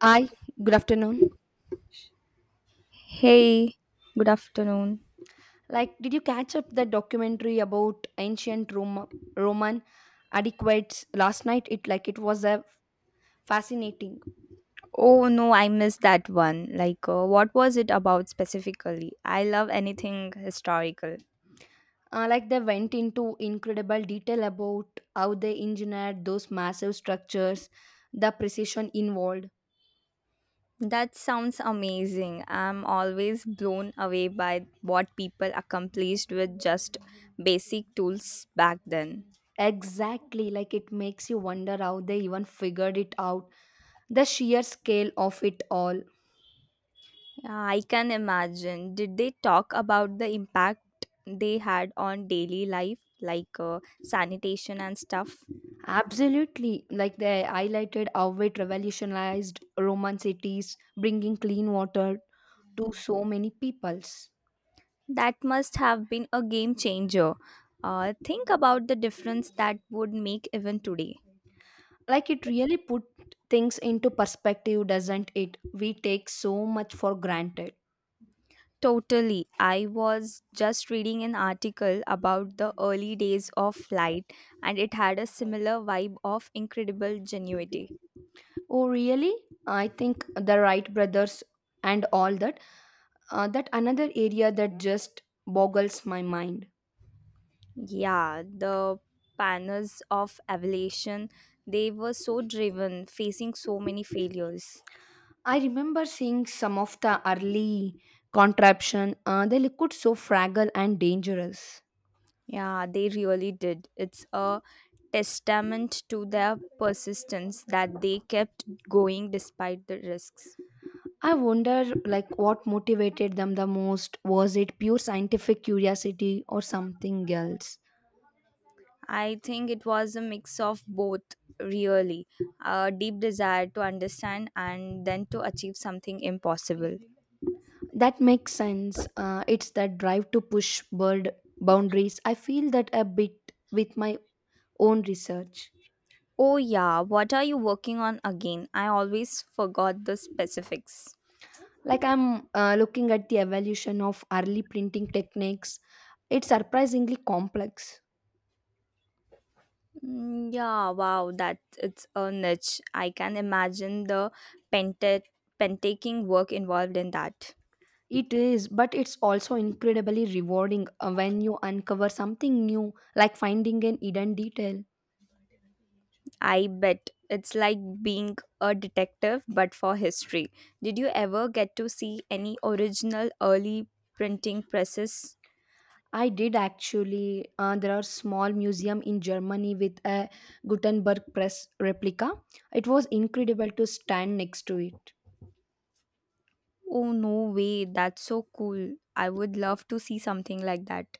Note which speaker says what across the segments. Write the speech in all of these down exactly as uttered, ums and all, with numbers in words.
Speaker 1: Hi, good afternoon.
Speaker 2: Hey, good afternoon.
Speaker 1: Like, did you catch up the documentary about ancient Roma, Roman adequates last night? It like it was a fascinating.
Speaker 2: Oh no, I missed that one. Like, uh, what was it about specifically? I love anything historical.
Speaker 1: Uh, like they went into incredible detail about how they engineered those massive structures, the precision involved.
Speaker 2: That sounds amazing. I'm always blown away by what people accomplished with just basic tools back then.
Speaker 1: Exactly, like it makes you wonder how they even figured it out, the sheer scale of it all.
Speaker 2: Yeah, I can imagine. Did they talk about the impact they had on daily life, like uh, sanitation and stuff?
Speaker 1: Absolutely. Like they highlighted how it revolutionized Roman cities, bringing clean water to so many peoples.
Speaker 2: That must have been a game changer. Uh, think about the difference that would make even today.
Speaker 1: Like it really put things into perspective, doesn't it? We take so much for granted.
Speaker 2: Totally. I was just reading an article about the early days of flight, and it had a similar vibe of incredible genuity.
Speaker 1: Oh, really? I think the Wright brothers and all that. Uh, that another area that just boggles my mind.
Speaker 2: Yeah, the panners of aviation, they were so driven, facing so many failures.
Speaker 1: I remember seeing some of the early contraption. Uh, they looked so fragile and dangerous.
Speaker 2: Yeah, they really did. It's a testament to their persistence that they kept going despite the risks.
Speaker 1: I wonder like what motivated them the most, was it pure scientific curiosity or something else?
Speaker 2: I think it was a mix of both, really a deep desire to understand and then to achieve something impossible.
Speaker 1: That makes sense. Uh, it's that drive to push bird boundaries. I feel that a bit with my own research.
Speaker 2: Oh, yeah, what are you working on again? I always forgot the specifics.
Speaker 1: Like I'm uh, looking at the evolution of early printing techniques. It's surprisingly complex.
Speaker 2: Mm, yeah, wow, that it's a niche. I can imagine the penta- pentaking work involved in that.
Speaker 1: It is, but it's also incredibly rewarding uh, when you uncover something new, like finding an hidden detail.
Speaker 2: I bet it's like being a detective but for history. Did you ever get to see any original early printing presses?
Speaker 1: I did actually. Uh, there are small museum in Germany with a Gutenberg press replica. It was incredible to stand next to it.
Speaker 2: Oh no way, that's so cool. I would love to see something like that.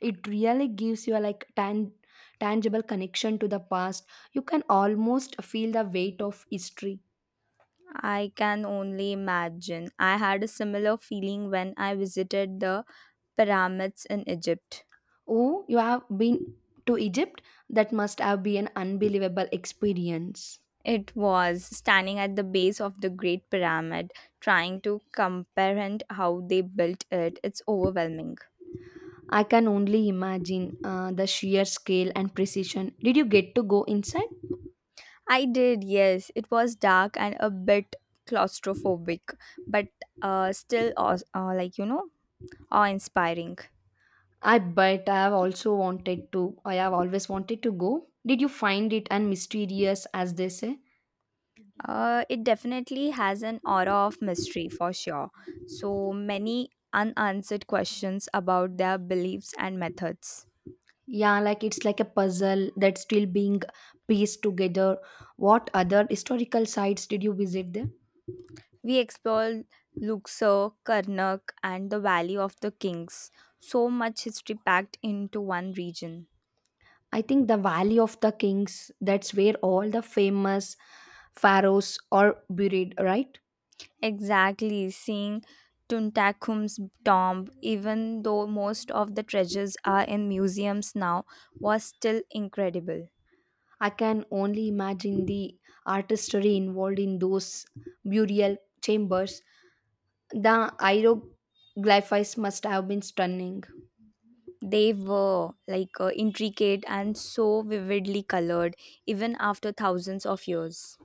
Speaker 1: It really gives you a like tan- tangible connection to the past. You can almost feel the weight of history.
Speaker 2: I can only imagine. I had a similar feeling when I visited the pyramids in Egypt.
Speaker 1: Oh, you have been to Egypt? That must have been an unbelievable experience.
Speaker 2: It was standing at the base of the Great Pyramid, trying to comprehend how they built it. It's overwhelming.
Speaker 1: I can only imagine uh, the sheer scale and precision. Did you get to go inside?
Speaker 2: I did, yes. It was dark and a bit claustrophobic, but uh, still, aw- uh, like, you know, awe inspiring.
Speaker 1: I bet. I have also wanted to. I have always wanted to go. Did you find it and mysterious as they say?
Speaker 2: Uh, it definitely has an aura of mystery for sure. So many unanswered questions about their beliefs and methods.
Speaker 1: Yeah, like it's like a puzzle that's still being pieced together. What other historical sites did you visit there?
Speaker 2: We explored Luxor, Karnak, and the Valley of the Kings. So much history packed into one region.
Speaker 1: I think the Valley of the Kings, that's where all the famous pharaohs are buried, right?
Speaker 2: Exactly, seeing Tuntakum's tomb, even though most of the treasures are in museums now, was still incredible.
Speaker 1: I can only imagine the artistry involved in those burial chambers. The hieroglyphs must have been stunning.
Speaker 2: They were like uh, intricate and so vividly colored, even after thousands of years.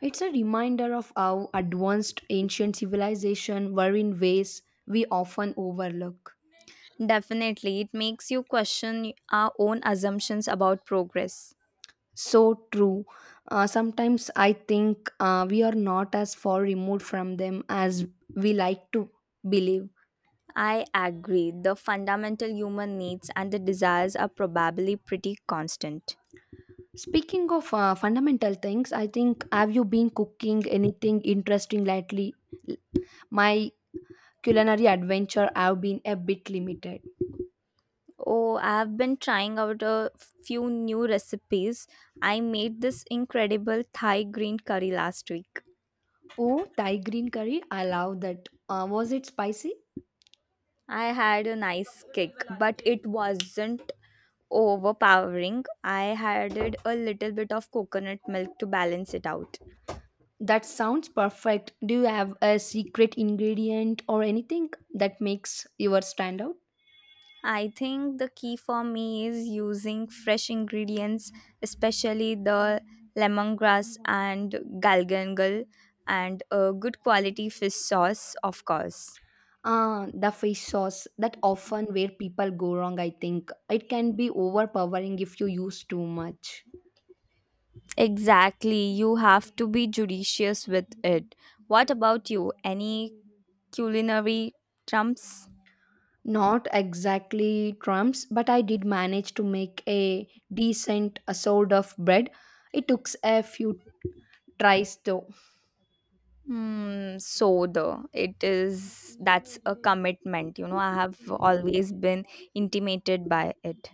Speaker 1: It's a reminder of how advanced ancient civilization were in ways we often overlook.
Speaker 2: Definitely, it makes you question our own assumptions about progress.
Speaker 1: So true. Uh, sometimes I think uh, we are not as far removed from them as we like to believe.
Speaker 2: I agree, the fundamental human needs and the desires are probably pretty constant.
Speaker 1: Speaking of uh, fundamental things, I think, have you been cooking anything interesting lately? My culinary adventure have been a bit limited.
Speaker 2: Oh, I've been trying out a few new recipes. I made this incredible Thai green curry last week.
Speaker 1: Oh, Thai green curry, I love that. Uh, was it spicy?
Speaker 2: I had a nice kick, but it wasn't overpowering. I added a little bit of coconut milk to balance it out.
Speaker 1: That sounds perfect. Do you have a secret ingredient or anything that makes yours stand out?
Speaker 2: I think the key for me is using fresh ingredients, especially the lemongrass and galgangal and a good quality fish sauce, of course.
Speaker 1: Ah, the fish sauce. That often where people go wrong, I think. It can be overpowering if you use too much.
Speaker 2: Exactly, you have to be judicious with it. What about you? Any culinary trumps?
Speaker 1: Not exactly crumbs, but I did manage to make a decent uh, sort of bread. It took a few tries though.
Speaker 2: Hmm, so the it is that's a commitment, you know. I have always been intimated by it.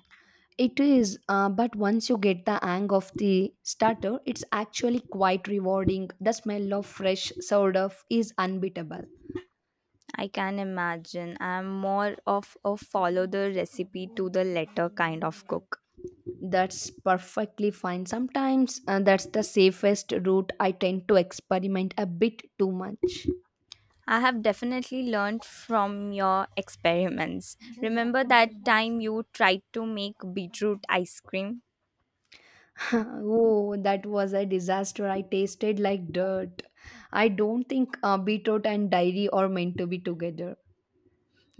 Speaker 1: It is, uh, but once you get the hang of the starter, it's actually quite rewarding. The smell of fresh sourdough is unbeatable.
Speaker 2: I can imagine. I'm more of a follow the recipe to the letter kind of cook.
Speaker 1: That's perfectly fine. Sometimes uh, that's the safest route. I tend to experiment a bit too much.
Speaker 2: I have definitely learned from your experiments. Remember that time you tried to make beetroot ice cream?
Speaker 1: Oh, that was a disaster. I tasted like dirt. I don't think uh, beetroot and dairy are meant to be together.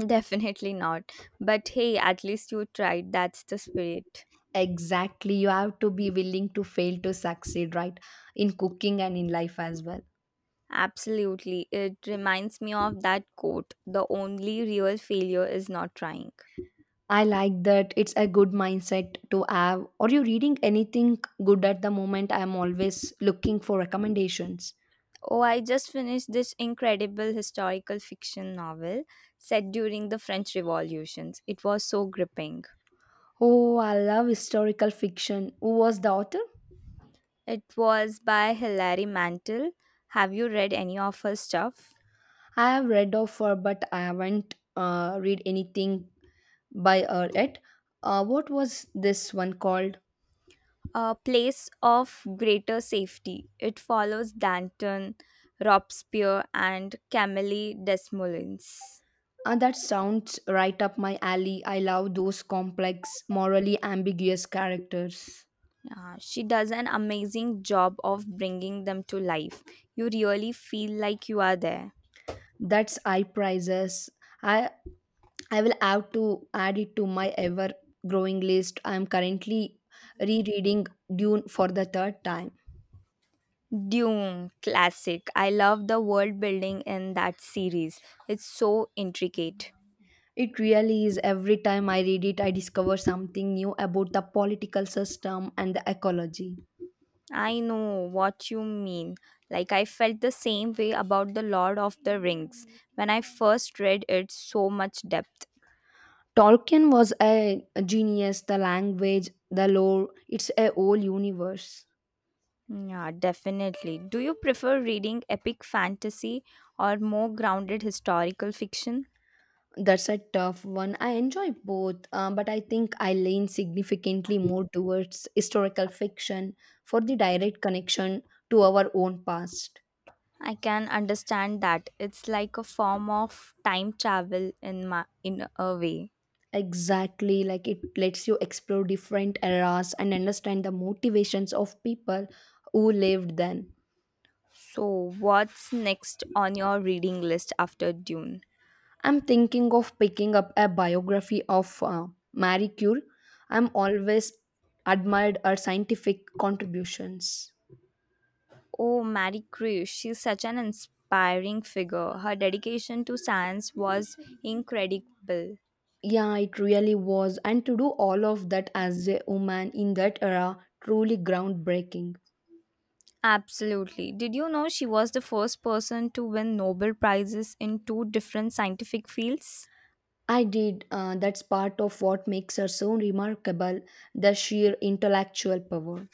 Speaker 2: Definitely not. But hey, at least you tried. That's the spirit.
Speaker 1: Exactly, you have to be willing to fail to succeed, right? In cooking and in life as well.
Speaker 2: Absolutely. It reminds me of that quote the only real failure is not trying.
Speaker 1: I like that. It's a good mindset to have. Are you reading anything good at the moment? I'm always looking for recommendations.
Speaker 2: Oh, I just finished this incredible historical fiction novel set during the French Revolutions. It was so gripping.
Speaker 1: Oh, I love historical fiction. Who was the author?
Speaker 2: It was by Hilary Mantel. Have you read any of her stuff?
Speaker 1: I have read of her, but I haven't uh, read anything by her yet. Uh, what was this one called?
Speaker 2: A place of greater safety. It follows Danton, Robespierre, and Camille Desmoulins.
Speaker 1: Uh, that sounds right up my alley. I love those complex, morally ambiguous characters.
Speaker 2: Yeah, she does an amazing job of bringing them to life. You really feel like you are there.
Speaker 1: That's high prices. I I will have to add it to my ever growing list. I am currently rereading Dune for the third time.
Speaker 2: Dune, classic. I love the world building in that series. It's so intricate.
Speaker 1: It really is. Every time I read it, I discover something new about the political system and the ecology.
Speaker 2: I know what you mean. Like, I felt the same way about The Lord of the Rings when I first read it, so much depth.
Speaker 1: Tolkien was a genius, the language, the lore, it's a whole universe.
Speaker 2: Yeah, definitely. Do you prefer reading epic fantasy or more grounded historical fiction?
Speaker 1: That's a tough one. I enjoy both, uh, but I think I lean significantly more towards historical fiction for the direct connection to our own past.
Speaker 2: I can understand that. It's like a form of time travel in my in a way.
Speaker 1: Exactly, like it lets you explore different eras and understand the motivations of people who lived then.
Speaker 2: So, what's next on your reading list after Dune?
Speaker 1: I'm thinking of picking up a biography of uh, Marie Curie. I'm always admired her scientific contributions.
Speaker 2: Oh, Marie Curie, she's such an inspiring figure. Her dedication to science was incredible.
Speaker 1: Yeah, it really was. And to do all of that as a woman in that era, truly groundbreaking.
Speaker 2: Absolutely. Did you know she was the first person to win Nobel Prizes in two different scientific fields?
Speaker 1: I did. Uh, that's part of what makes her so remarkable, the sheer intellectual power.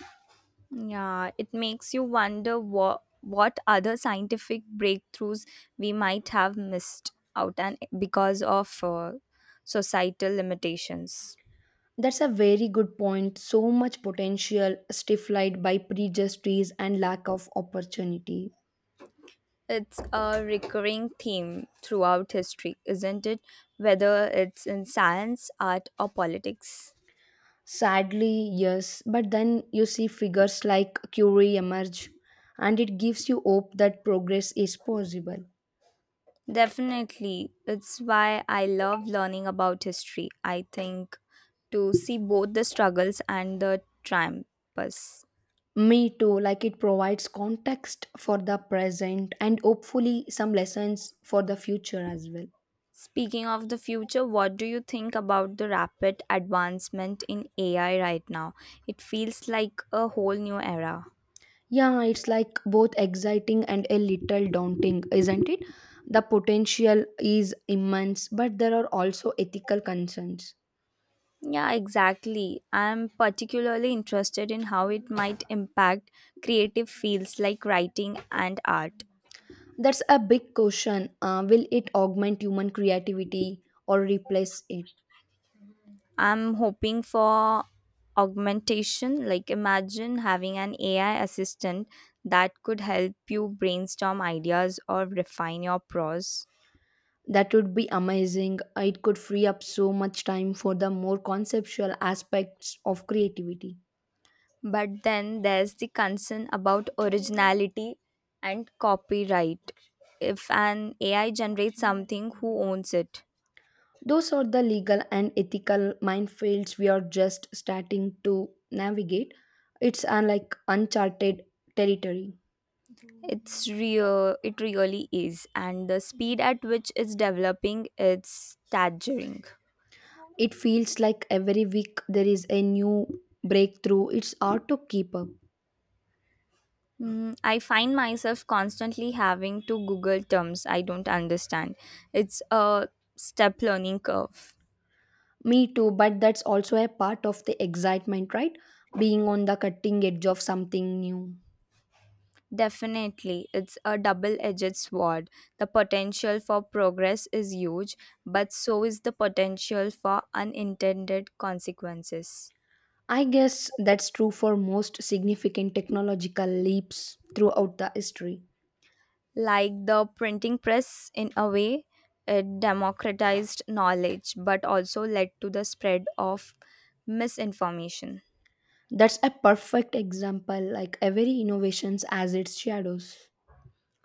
Speaker 2: Yeah, it makes you wonder what what other scientific breakthroughs we might have missed out and because of uh, societal limitations.
Speaker 1: That's a very good point. So much potential stifled by prejudices and lack of opportunity.
Speaker 2: It's a recurring theme throughout history, isn't it? Whether it's in science, art, or politics.
Speaker 1: Sadly, yes, but then you see figures like Curie emerge, and it gives you hope that progress is possible.
Speaker 2: Definitely. It's why I love learning about history, I think, to see both the struggles and the triumphs.
Speaker 1: Me too, like it provides context for the present and hopefully some lessons for the future as well.
Speaker 2: Speaking of the future, what do you think about the rapid advancement in A I right now? It feels like a whole new era.
Speaker 1: Yeah, it's like both exciting and a little daunting, isn't it? The potential is immense, but there are also ethical concerns.
Speaker 2: Yeah, exactly. I'm particularly interested in how it might impact creative fields like writing and art.
Speaker 1: That's a big question. Uh, will it augment human creativity or replace it?
Speaker 2: I'm hoping for augmentation. Like, imagine having an A I assistant that could help you brainstorm ideas or refine your prose.
Speaker 1: That would be amazing. It could free up so much time for the more conceptual aspects of creativity.
Speaker 2: But then there's the concern about originality and copyright. If an A I generates something, who owns it?
Speaker 1: Those are the legal and ethical minefields we are just starting to navigate. It's uh, like uncharted territory.
Speaker 2: It's real, it really is. And the speed at which it's developing, it's staggering.
Speaker 1: It feels like every week there is a new breakthrough. It's hard to keep up.
Speaker 2: Mm, I find myself constantly having to Google terms I don't understand. It's a step learning curve.
Speaker 1: Me too, but that's also a part of the excitement, right? Being on the cutting edge of something new.
Speaker 2: Definitely, it's a double edged sword. The potential for progress is huge, but so is the potential for unintended consequences.
Speaker 1: I guess that's true for most significant technological leaps throughout the history.
Speaker 2: Like the printing press, in a way, it democratized knowledge but also led to the spread of misinformation.
Speaker 1: That's a perfect example, like every innovations has its shadows.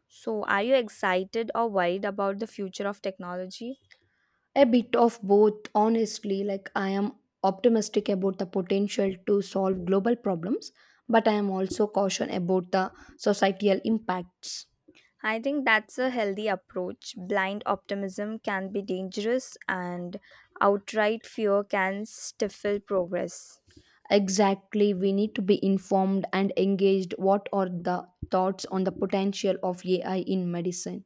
Speaker 2: So, are you excited or worried about the future of technology?
Speaker 1: A bit of both, honestly. Like, I am optimistic about the potential to solve global problems, but I am also cautious about the societal impacts.
Speaker 2: I think that's a healthy approach. Blind optimism can be dangerous, and outright fear can stifle progress.
Speaker 1: Exactly, we need to be informed and engaged. What are the thoughts on the potential of A I in medicine?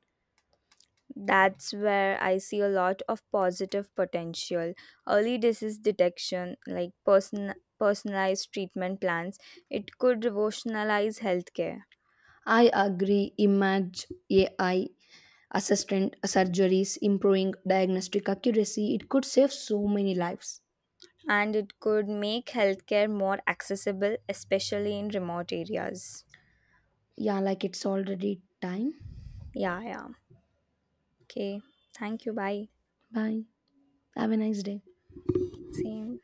Speaker 2: That's where I see a lot of positive potential. Early disease detection, like person- personalized treatment plans, it could revolutionize healthcare
Speaker 1: I agree, image A I assistant surgeries improving diagnostic accuracy. It could save so many lives.
Speaker 2: and it could make healthcare more accessible, especially in remote areas.
Speaker 1: Yeah, like it's already time.
Speaker 2: Yeah, yeah. Okay, thank you. Bye.
Speaker 1: Bye. Have a nice day.
Speaker 2: Same.